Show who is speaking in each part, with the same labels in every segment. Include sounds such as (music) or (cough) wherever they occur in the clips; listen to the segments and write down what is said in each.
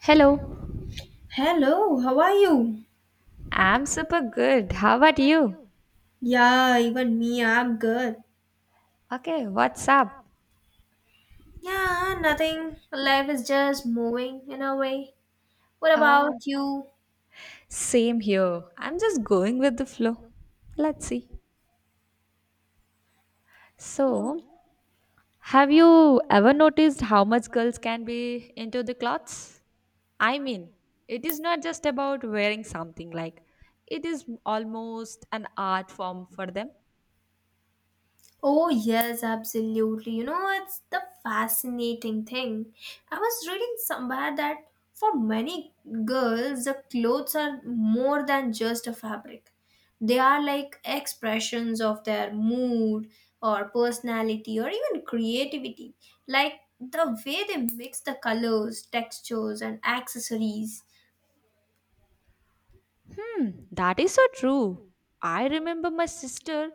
Speaker 1: Hello.
Speaker 2: Hello, how are you?
Speaker 1: I'm super good. How about you?
Speaker 2: Yeah, even me, I'm good.
Speaker 1: Okay, what's up?
Speaker 2: Yeah, nothing. Life is just moving in a way. What
Speaker 1: Uh,
Speaker 2: about you?
Speaker 1: same here. I'm just going with the flow. Let's see. So, have you ever noticed how much girls can be into the clothes? I mean, it is not just about wearing something like it is almost an art form for them.
Speaker 2: Oh, yes, absolutely. You know, it's the fascinating thing. I was reading somewhere that for many girls, the clothes are more than just a fabric, they are like expressions of their mood or personality or even creativity. Like the way they mix the colors, textures, and accessories.
Speaker 1: Hmm, that is so true. I remember my sister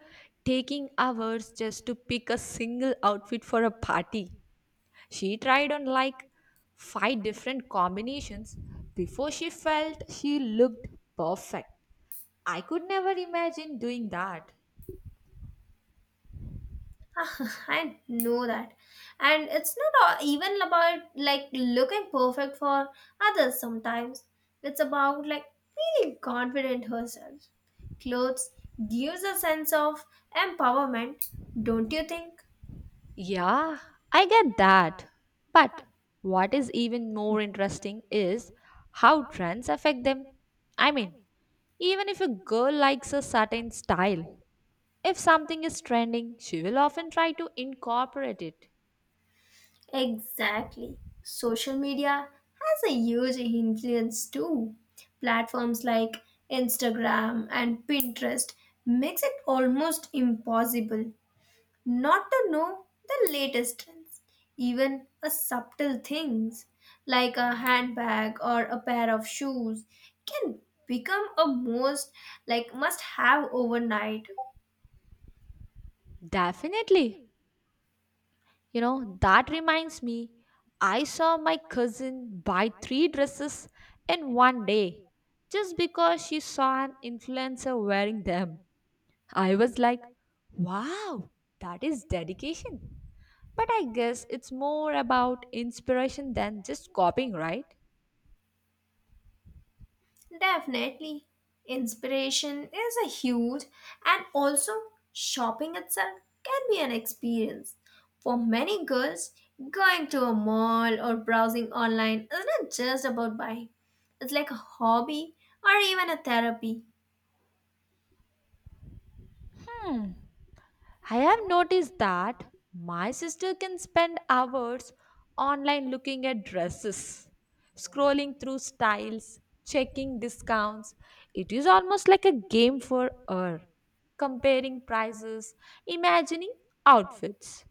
Speaker 1: taking hours just to pick a single outfit for a party. She tried on like five different combinations before she felt she looked perfect. I could never imagine doing that.
Speaker 2: I know that. And it's not even about like looking perfect for others sometimes. It's about like feeling confident herself. Clothes gives a sense of empowerment, don't you think?
Speaker 1: Yeah, I get that. But what is even more interesting is how trends affect them. I mean, even if a girl likes a certain style, if something is trending, she will often try to incorporate it.
Speaker 2: Exactly. Social media has a huge influence too. Platforms like Instagram and Pinterest makes it almost impossible not to know the latest trends, even a subtle things like a handbag or a pair of shoes can become a most like must have overnight.
Speaker 1: Definitely. That reminds me, I saw my cousin buy three dresses in one day just because she saw an influencer wearing them. I was like, wow, that is dedication. But I guess it's more about inspiration than just copying, right?
Speaker 2: Definitely, inspiration is a huge and also shopping itself can be an experience. For many girls, going to a mall or browsing online is not just about buying. It's like a hobby or even a therapy.
Speaker 1: Hmm. I have noticed that my sister can spend hours online looking at dresses, scrolling through styles, checking discounts. It is almost like a game for her, comparing prices, imagining outfits.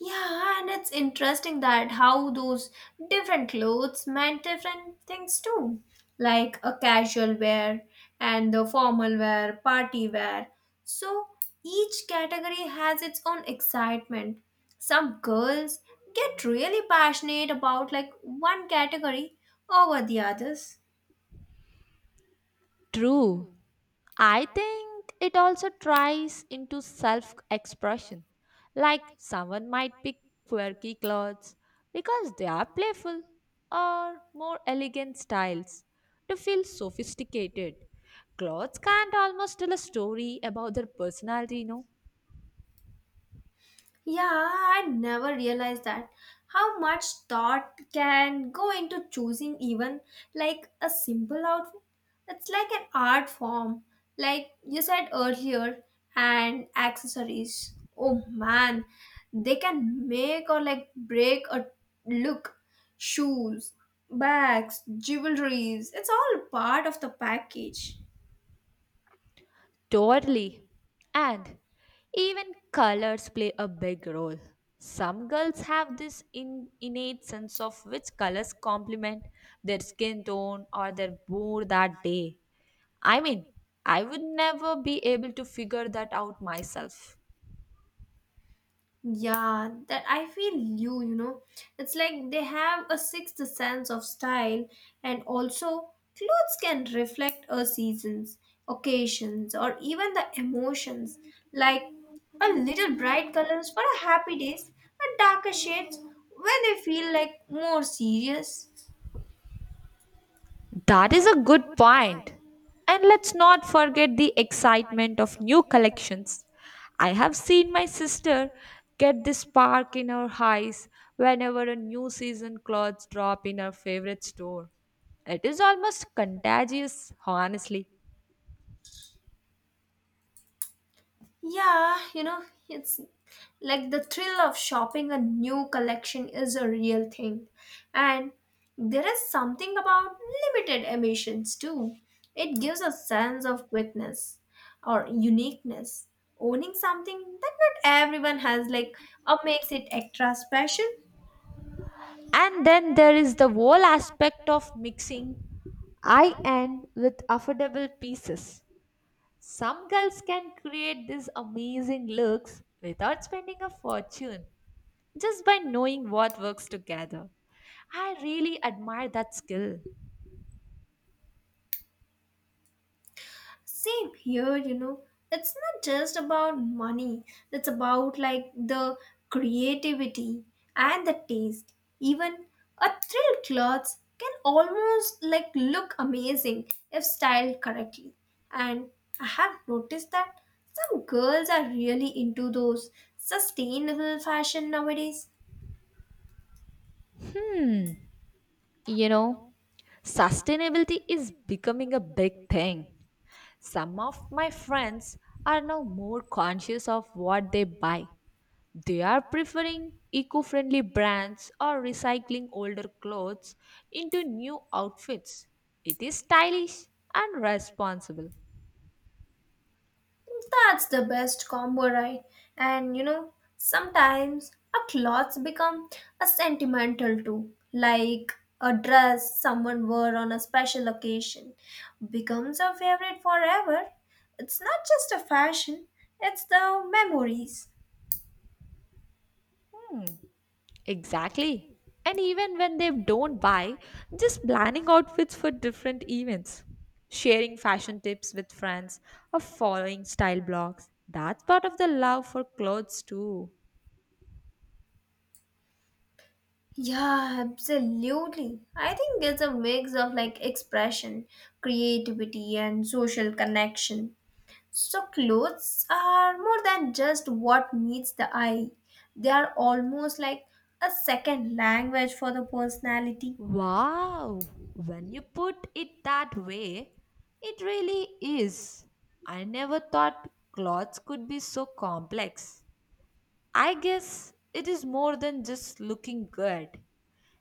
Speaker 2: Yeah, and it's interesting that how those different clothes meant different things too, like a casual wear and the formal wear, party wear. So each category has its own excitement. Some girls get really passionate about like one category over the others.
Speaker 1: True, I think it also tries into self expression. Like someone might pick quirky clothes because they are playful or more elegant styles to feel sophisticated. Clothes can't almost tell a story about their personality.
Speaker 2: Yeah, I never realized that. How much thought can go into choosing even like a simple outfit? It's like an art form, like you said earlier, and accessories. Oh man, they can make or like break a look. Shoes, bags, jewelries, it's all part of the package.
Speaker 1: Totally. And even colors play a big role. Some girls have this innate sense of which colors complement their skin tone or their mood that day. I mean, I would never be able to figure that out myself.
Speaker 2: Yeah, that I feel you, you know. It's like they have a sixth sense of style, and also clothes can reflect our seasons, occasions, or even the emotions. Like a little bright colors for a happy days, and darker shades when they feel like more serious.
Speaker 1: That is a good point. And let's not forget the excitement of new collections. I have seen my sister get this spark in her eyes whenever a new season clothes drop in her favorite store. It is almost contagious, honestly.
Speaker 2: Yeah, you know, it's like the thrill of shopping a new collection is a real thing. And there is something about limited emissions too. It gives a sense of quickness or uniqueness. Owning something that not everyone has, like, or makes it extra special.
Speaker 1: And then there is the whole aspect of mixing high end with affordable pieces. Some girls can create these amazing looks without spending a fortune, just by knowing what works together. I really admire that skill.
Speaker 2: Same here, you know. It's not just about money, it's about like the creativity and the taste. Even a thrill clothes can almost like look amazing if styled correctly. And I have noticed that some girls are really into those sustainable fashion nowadays.
Speaker 1: Hmm, you know, sustainability is becoming a big thing. Some of my friends are now more conscious of what they buy. They are preferring eco friendly brands or recycling older clothes into new outfits. It is stylish and responsible.
Speaker 2: That's the best combo, right? And you know, sometimes our clothes become a sentimental too, like a dress someone wore on a special occasion becomes a favorite forever. It's not just a fashion, it's the memories.
Speaker 1: Exactly. And even when they don't buy, just planning outfits for different events, sharing fashion tips with friends, or following style blogs, that's part of the love for clothes too.
Speaker 2: Yeah, absolutely. I think it's a mix of like expression, creativity, and social connection. So, clothes are more than just what meets the eye, they are almost like a second language for the personality.
Speaker 1: Wow, when you put it that way, it really is. I never thought clothes could be so complex. I guess it is more than just looking good.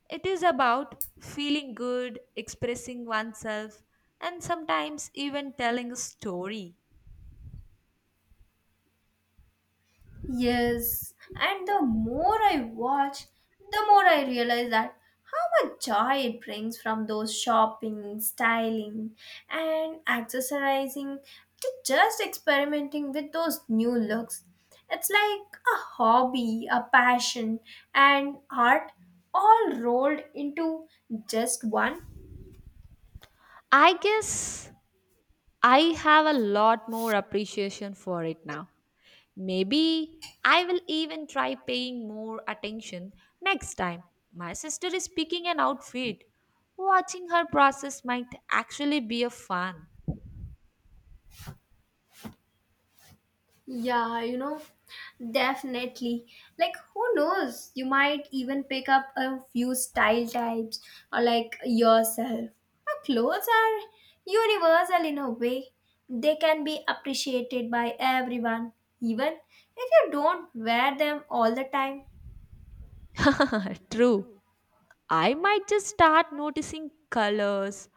Speaker 1: It is about feeling good, expressing oneself, and sometimes even telling a story.
Speaker 2: Yes, and the more I watch, the more I realize that how much joy it brings from those shopping, styling, and accessorizing to just experimenting with those new looks. It's like a hobby, a passion, and art all rolled into just one.
Speaker 1: I guess I have a lot more appreciation for it now. Maybe I will even try paying more attention next time. My sister is picking an outfit. Watching her process might actually be a fun.
Speaker 2: Yeah, you know, definitely. Like, who knows? You might even pick up a few style types or like yourself. Our clothes are universal in a way, they can be appreciated by everyone, even if you don't wear them all the time.
Speaker 1: (laughs) True. I might just start noticing colors,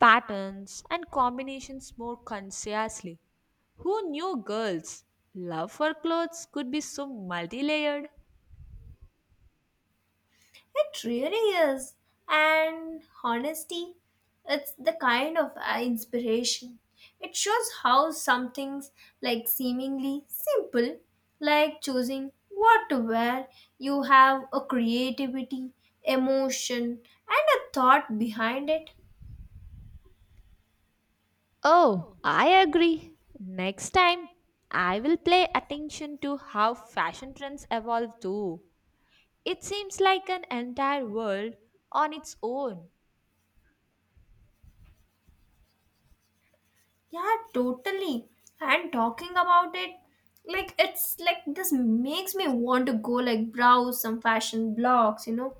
Speaker 1: patterns, and combinations more consciously. Who knew girls' love for clothes could be so multi layered?
Speaker 2: It really is. And honesty, it's the kind of inspiration. It shows how some things, like seemingly simple, like choosing what to wear, you have a creativity, emotion, and a thought behind it.
Speaker 1: Oh, I agree. Next time, I will pay attention to how fashion trends evolve too. It seems like an entire world on its own.
Speaker 2: Yeah, totally. And talking about it, like it's like this makes me want to go like browse some fashion blogs, you know.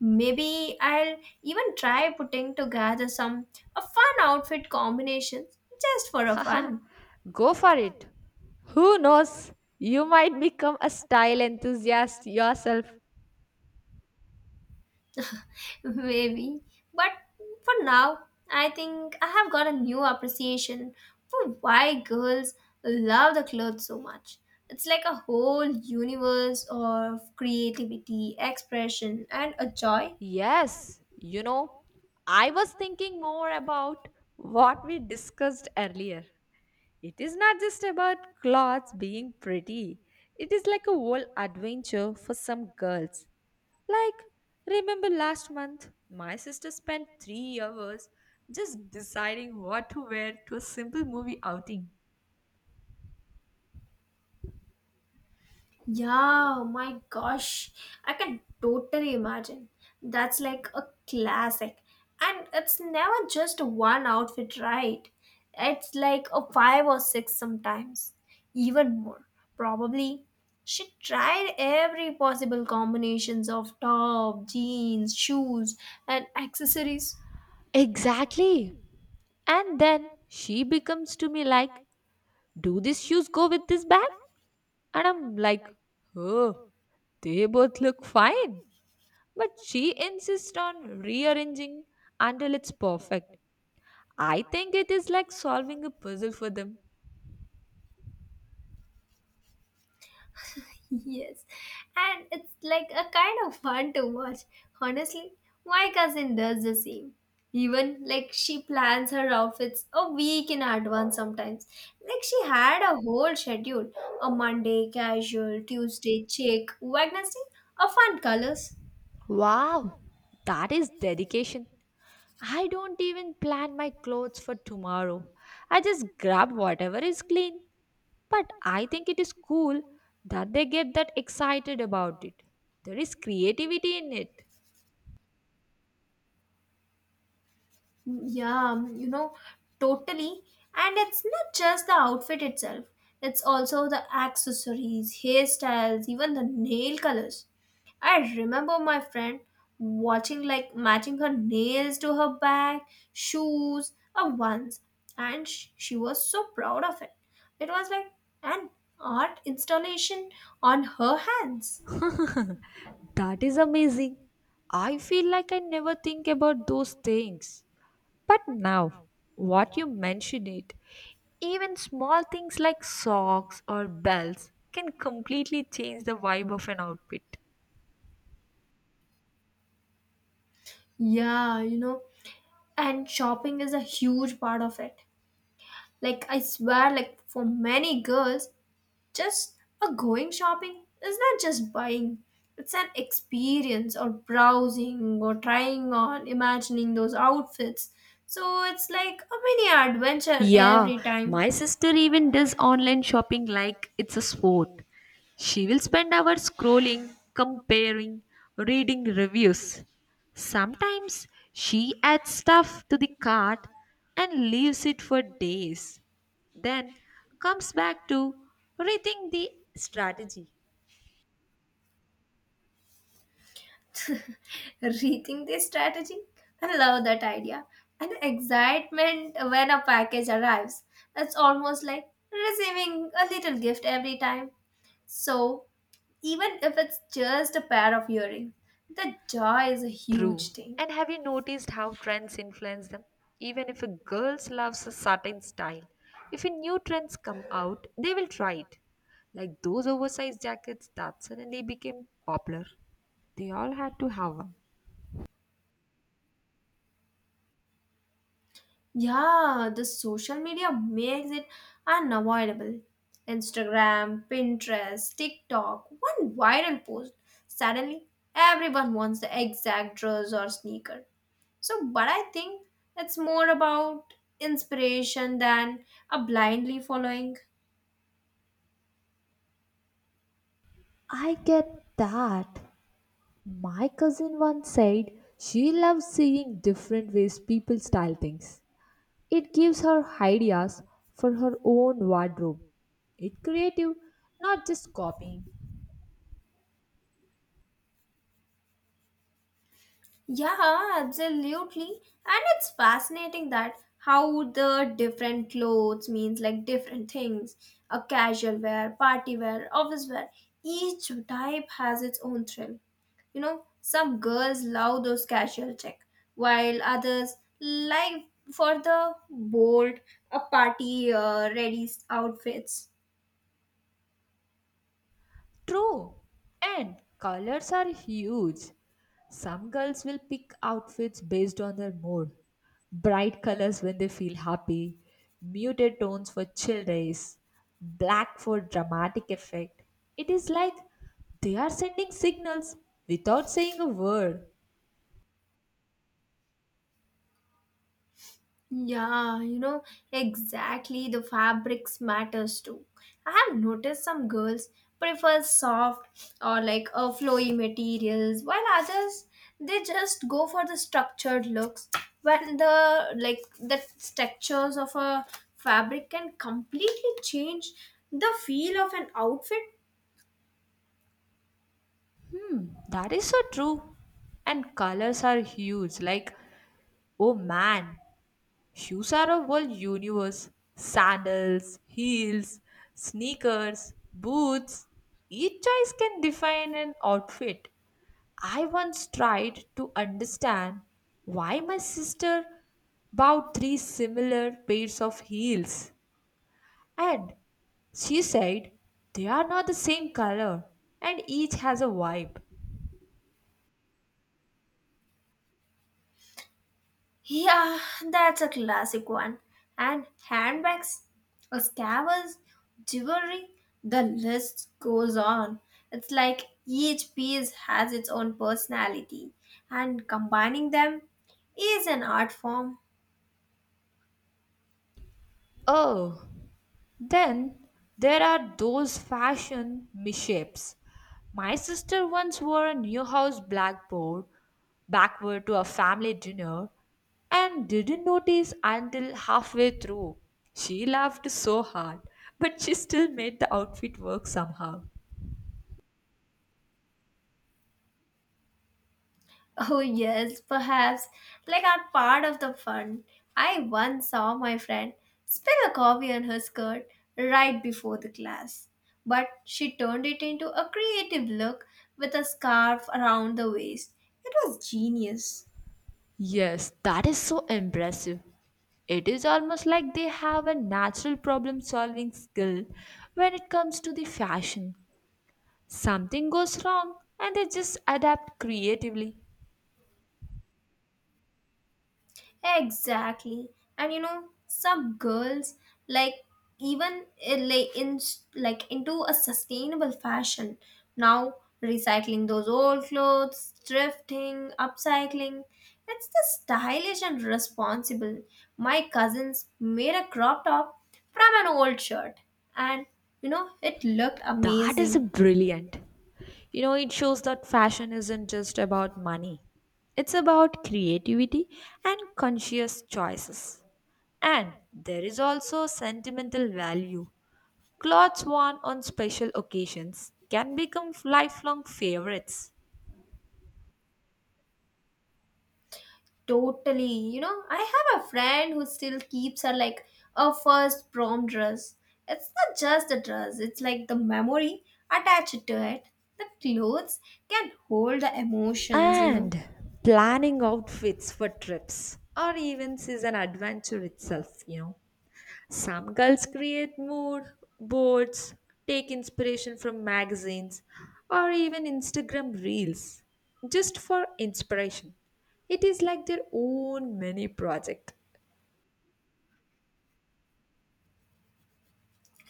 Speaker 2: Maybe I'll even try putting together some a fun outfit combinations just for
Speaker 1: (laughs)
Speaker 2: a
Speaker 1: Haha,
Speaker 2: fun.
Speaker 1: go for it. Who knows? You might become a style enthusiast yourself.
Speaker 2: (laughs) Maybe. But for now, I think I have got a new appreciation for why girls love the clothes so much. It's like a whole universe of creativity, expression, and a joy.
Speaker 1: Yes, I was thinking more about what we discussed earlier. It is not just about clothes being pretty, it is like a whole adventure for some girls. Like, remember last month, my sister spent 3 hours just deciding what to wear to a simple movie outing.
Speaker 2: Yeah, oh my gosh. I can totally imagine. That's like a classic. And it's never just one outfit, right? It's like a five or six sometimes. Even more, probably. She tried every possible combinations of top, jeans, shoes, and accessories.
Speaker 1: Exactly. And then she becomes to me like, do these shoes go with this bag? And I'm like, oh, they both look fine. But she insists on rearranging until it's perfect. I think it is like solving a puzzle for them.
Speaker 2: (laughs) Yes, and it's like a kind of fun to watch. Honestly, my cousin does the same. Even like she plans her outfits a week in advance sometimes. Like she had a whole schedule a Monday casual, Tuesday chic, Wednesday a fun colors.
Speaker 1: Wow, that is dedication. I don't even plan my clothes for tomorrow. I just grab whatever is clean. But I think it is cool that they get that excited about it. There is creativity in it.
Speaker 2: Yeah, you know, totally. And it's not just the outfit itself, it's also the accessories, hairstyles, even the nail colors. I remember my friend watching like matching her nails to her bag, shoes, or ones, and she was so proud of it. It was like an art installation on her hands.
Speaker 1: That is amazing. I feel like I never think about those things. But now, what you mention it, even small things like socks or bells can completely change the vibe of an outfit.
Speaker 2: Yeah, you know, and shopping is a huge part of it. Like, I swear, like, for many girls, just a going shopping is not just buying, it's an experience or browsing or trying on, imagining those outfits. So, it's like a mini adventure
Speaker 1: Yeah,
Speaker 2: every time.
Speaker 1: my sister even does online shopping like it's a sport. She will spend hours scrolling, comparing, reading reviews. Sometimes she adds stuff to the cart and leaves it for days, then comes back to rethink the strategy.
Speaker 2: (laughs) Rethink this strategy? I love that idea. And the excitement when a package arrives. It's almost like receiving a little gift every time. So, even if it's just a pair of earrings, the joy is a huge
Speaker 1: True.
Speaker 2: thing.
Speaker 1: And have you noticed how trends influence them? Even if a girl loves a certain style, if a new trends come out, they will try it. Like those oversized jackets that suddenly became popular. They all had to have one.
Speaker 2: Yeah, the social media makes it unavoidable. Instagram, Pinterest, TikTok. One viral post, suddenly everyone wants the exact dress or sneaker. So but I think it's more about inspiration than a blindly following.
Speaker 1: I get that. My cousin once said she loves seeing different ways people style things. It gives her ideas for her own wardrobe. It's creative, not just copying.
Speaker 2: Yeah, absolutely. And it's fascinating that how the different clothes means like different things. A casual wear, party wear, office wear. Each type has its own thrill. You know, some girls love those casual check, while others like for the bold, a party ready outfits.
Speaker 1: True. And colors are huge. Some girls will pick outfits based on their mood. Bright colors when they feel happy, muted tones for chill days, black for dramatic effect. It is like they are sending signals without saying a word.
Speaker 2: Yeah, you know, exactly the fabrics matters too. I have noticed some girls prefer soft or like a flowy materials while others they just go for the structured looks when the like the textures of a fabric can completely change the feel of an outfit.
Speaker 1: Hmm, that is so true. And colors are huge. Like, oh man, shoes are a whole universe. Sandals, heels, sneakers, boots. Each choice can define an outfit. I once tried to understand why my sister bought three similar pairs of heels, and she said they are not the same color and each has a vibe.
Speaker 2: Yeah, that's a classic one. And handbags, or scarves, jewelry, the list goes on. It's like each piece has its own personality, and combining them is an art form.
Speaker 1: Oh, then there are those fashion misshapes. My sister once wore a Newhouse house blackboard backward to a family dinner and didn't notice until halfway through. She laughed so hard, but she still made the outfit work somehow.
Speaker 2: (laughs) Oh, yes, perhaps. Like are part of the fun. I once saw my friend spill a coffee on her skirt right before the class. But she turned it into a creative look with a scarf around the waist. It was genius.
Speaker 1: Yes, that is so impressive. It is almost like they have a natural problem solving skill when it comes to the fashion. Something goes wrong and they just adapt creatively.
Speaker 2: Exactly. And you know, some girls like even in like into a sustainable fashion now recycling those old clothes, thrifting, upcycling. It's the stylish and responsible. My cousins made a crop top from an old shirt and you know, it looked
Speaker 1: That is
Speaker 2: amazing.
Speaker 1: brilliant. It shows that fashion isn't just about money, it's about creativity and conscious choices. And there is also sentimental value. Clothes worn on special occasions can become lifelong favorites.
Speaker 2: Totally. You know, I have a friend who still keeps her like a first prom dress. It's not just a dress, it's like the memory attached to it. The clothes can hold the emotions, you know.
Speaker 1: And planning outfits for trips or events is an adventure itself. Some girls create mood boards, take inspiration from magazines, or even Instagram reels just for inspiration. It is like their own mini project.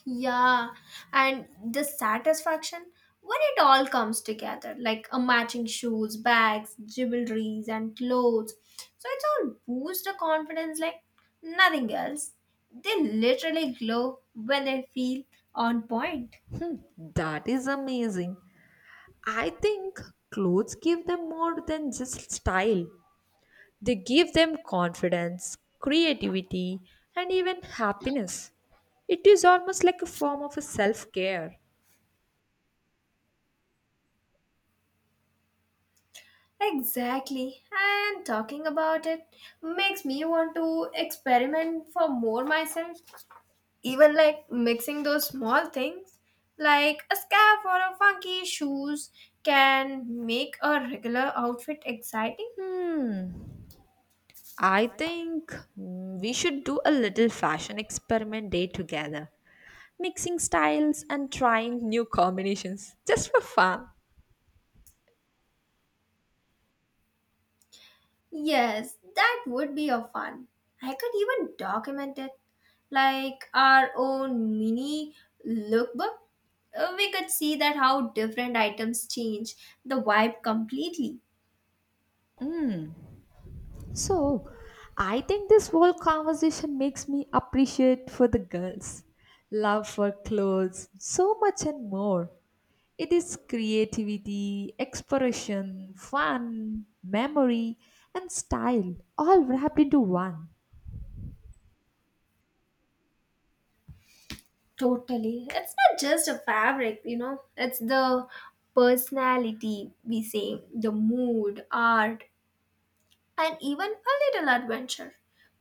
Speaker 2: Yeah, and the satisfaction when it all comes together like a matching shoes, bags, jewelries, and clothes. So it's all boost the confidence like nothing else. They literally glow when they feel on point.
Speaker 1: Hmm, that is amazing. I think clothes give them more than just style, they give them confidence, creativity, and even happiness. It is almost like a form of a self care.
Speaker 2: Exactly. And talking about it makes me want to experiment for more myself. Even like mixing those small things like a scarf or a funky shoes can make a regular outfit exciting.
Speaker 1: Hmm. I think we should do a little fashion experiment day together, mixing styles and trying new combinations just for fun.
Speaker 2: Yes, that would be a fun. I could even document it like our own mini lookbook. We could see that how different items change the vibe completely.
Speaker 1: Mm. So, I think this whole conversation makes me appreciate for the girls, love for clothes, so much and more. It is creativity, exploration, fun, memory, and style all wrapped into one.
Speaker 2: Totally. It's not just a fabric, you know, it's the personality, we say, the mood, art, and even a little adventure.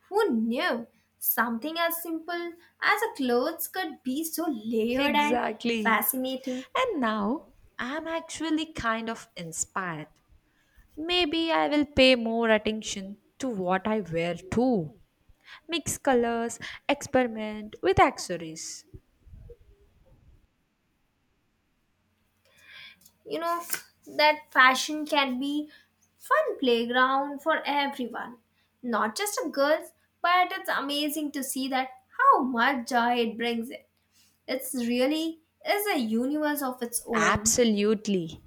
Speaker 2: Who knew something as simple as a clothes could be so layered and
Speaker 1: Exactly.
Speaker 2: fascinating?
Speaker 1: And now I'm actually kind of inspired. Maybe I will pay more attention to what I wear too. Mix colors, experiment with accessories.
Speaker 2: You know, that fashion can be fun playground for everyone, not just the girls, but it's amazing to see that how much joy it brings. It's really is a universe of its own.
Speaker 1: Absolutely.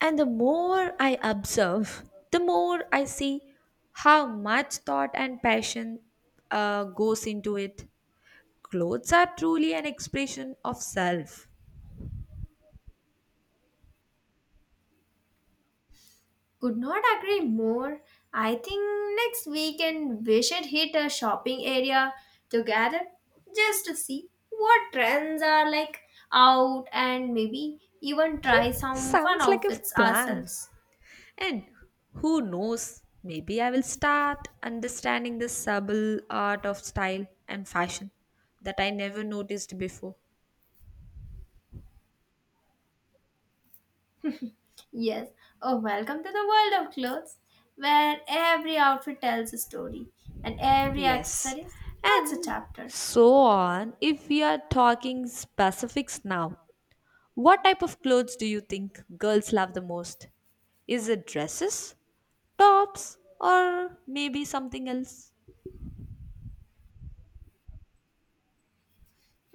Speaker 1: And the more I observe, the more I see how much thought and passion goes into it. Clothes are truly an expression of self.
Speaker 2: Could not agree more. I think next weekend we should hit a shopping area together just to see what trends are like out and maybe even try some fun
Speaker 1: Sounds like a
Speaker 2: outfits
Speaker 1: plan.
Speaker 2: ourselves.
Speaker 1: And who knows, maybe I will start understanding the subtle art of style and fashion that I never noticed before.
Speaker 2: Yes, oh, welcome to the world of clothes where every outfit tells a story and every
Speaker 1: Yes.
Speaker 2: accessory adds a
Speaker 1: And
Speaker 2: chapter.
Speaker 1: so on, if we are talking specifics now, what type of clothes do you think girls love the most? Is it dresses, tops, or maybe something else?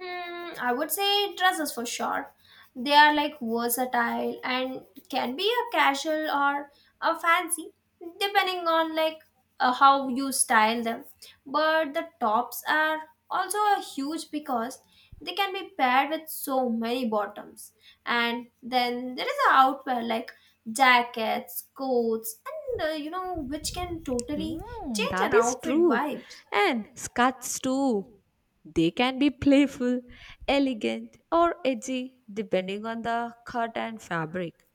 Speaker 2: Hmm, I would say dresses for sure. They are like versatile and can be a casual or a fancy depending on like how you style them. But the tops are also a huge because they can be paired with so many bottoms. And then there is a outwear like jackets, coats and you know which can totally
Speaker 1: Mm,
Speaker 2: change
Speaker 1: that
Speaker 2: an
Speaker 1: is
Speaker 2: outfit
Speaker 1: true.
Speaker 2: vibes.
Speaker 1: And skirts too. They can be playful, elegant, or edgy depending on the cut and fabric.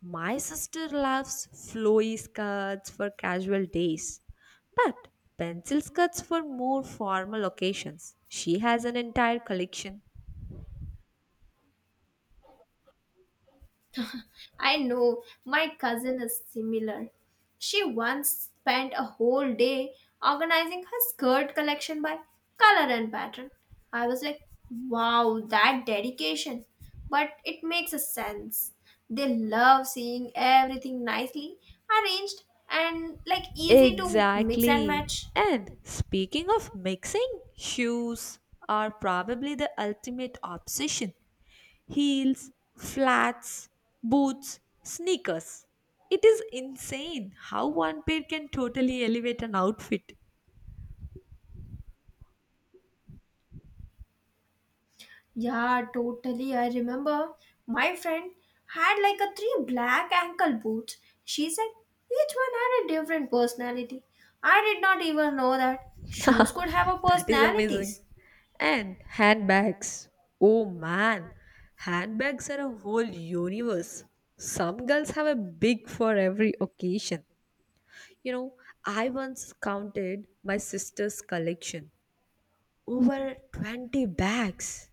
Speaker 1: My sister loves flowy skirts for casual days, but pencil skirts for more formal occasions. She has an entire collection.
Speaker 2: I know my cousin is similar. She once spent a whole day organizing her skirt collection by color and pattern. I was like, wow, that dedication. But it makes a sense. They love seeing everything nicely arranged and like easy to mix and
Speaker 1: Exactly.
Speaker 2: match.
Speaker 1: And speaking of mixing, shoes are probably the ultimate obsession. Heels, flats, boots, sneakers. It is insane how one pair can totally elevate an outfit.
Speaker 2: Yeah, totally. I remember my friend had like a three black ankle boots. She said each one had a different personality. I did not even know that shoes could have a
Speaker 1: That is amazing.
Speaker 2: personalities.
Speaker 1: And handbags. Oh man, handbags are a whole universe. Some girls have a big for every occasion. You know, I once counted my sister's collection over 20 bags.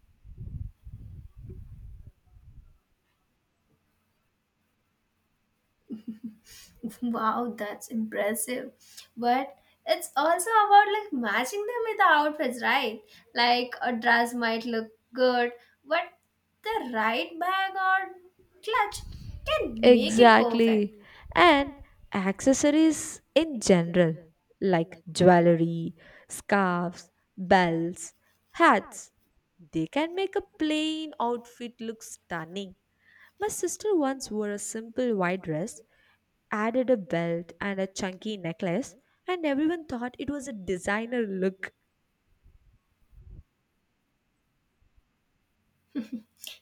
Speaker 2: (laughs) Wow, that's impressive. But it's also about like matching them with the outfits, right? Like a dress might look good, but the right bag or clutch can make it perfect.
Speaker 1: Exactly. And accessories in general, like jewelry, scarves, belts, hats, they can make a plain outfit look stunning. My sister once wore a simple white dress, added a belt and a chunky necklace, and everyone thought it was a designer look.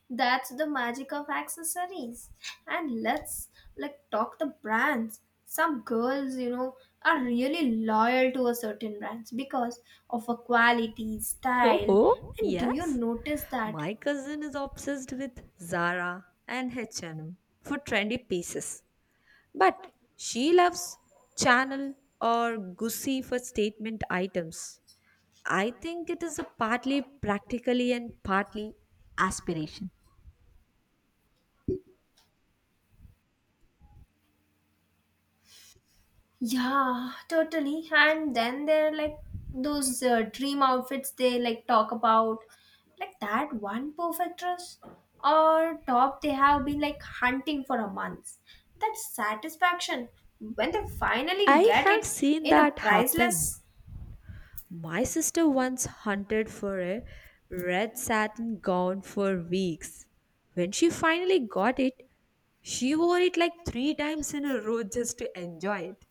Speaker 2: That's the magic of accessories. And let's like talk the brands. Some girls, you know, are really loyal to a certain brands because of a quality,
Speaker 1: Ho
Speaker 2: style.
Speaker 1: ho,
Speaker 2: And do you
Speaker 1: yes.
Speaker 2: notice that.
Speaker 1: My cousin is obsessed with Zara and H&M for trendy pieces. But she loves Chanel or Gucci for statement items. I think it is a partly practically and partly aspiration.
Speaker 2: Yeah, totally. And then there are like those dream outfits they like talk about, like that one perfect dress or top they have been like hunting for a month. That satisfaction when they finally
Speaker 1: I
Speaker 2: get
Speaker 1: have
Speaker 2: it
Speaker 1: seen
Speaker 2: in a
Speaker 1: that happen.
Speaker 2: priceless.
Speaker 1: My sister once hunted for a red satin gown for weeks. When she finally got it, she wore it like three times in a row just to enjoy it.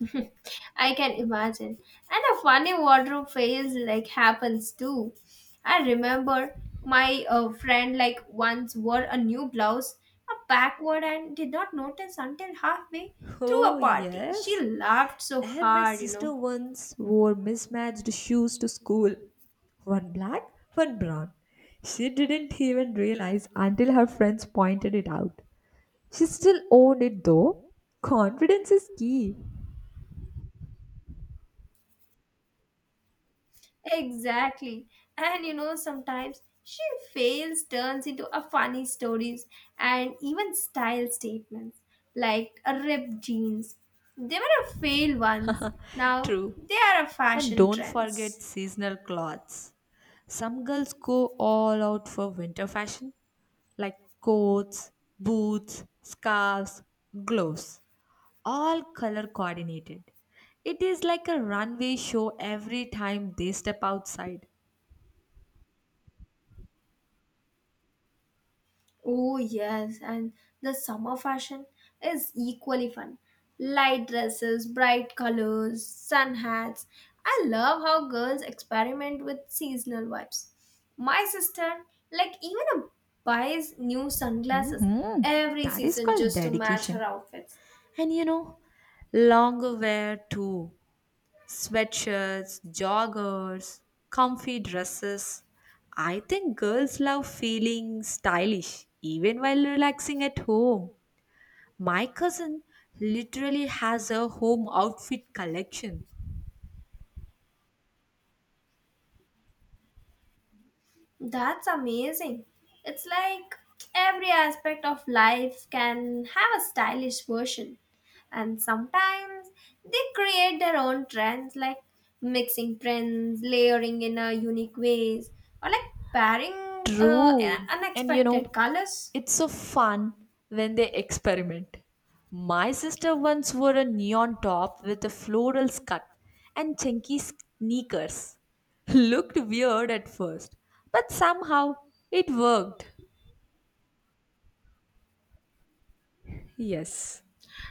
Speaker 2: (laughs) I can imagine. And a funny wardrobe phase like happens too. I remember my friend like once wore a new blouse, a backward and did not notice until halfway through a
Speaker 1: Oh,
Speaker 2: party. She
Speaker 1: yes.
Speaker 2: laughed so
Speaker 1: And my
Speaker 2: hard, you know.
Speaker 1: sister once wore mismatched shoes to school one black, one brown. She didn't even realize until her friends pointed it out. She still owned it though. Confidence is key.
Speaker 2: Exactly. And you know, sometimes she fails turns into a funny stories and even style statements like a ripped jeans. They were a fail once. Now
Speaker 1: True.
Speaker 2: they are a
Speaker 1: And
Speaker 2: fashion
Speaker 1: don't forget
Speaker 2: trends.
Speaker 1: seasonal clothes. Some girls go all out for winter fashion, like coats, boots, scarves, gloves, all color coordinated. It is like a runway show every time they step outside.
Speaker 2: Oh, yes, and the summer fashion is equally fun. Light dresses, bright colors, sun hats. I love how girls experiment with seasonal vibes. My sister, like, even a buys new sunglasses every
Speaker 1: That is
Speaker 2: season
Speaker 1: called
Speaker 2: just to match
Speaker 1: dedication.
Speaker 2: her outfits.
Speaker 1: And longer wear too. Sweatshirts, joggers, comfy dresses. I think girls love feeling stylish even while relaxing at home. My cousin literally has a home outfit collection.
Speaker 2: That's amazing. It's like every aspect of life can have a stylish version. And sometimes they create their own trends like mixing prints, layering in a unique ways, or like pairing
Speaker 1: True. And
Speaker 2: unexpected colors.
Speaker 1: it's so fun when they experiment. My sister once wore a neon top with a floral skirt and chunky sneakers. (laughs) Looked weird at first, but somehow it worked. Yes.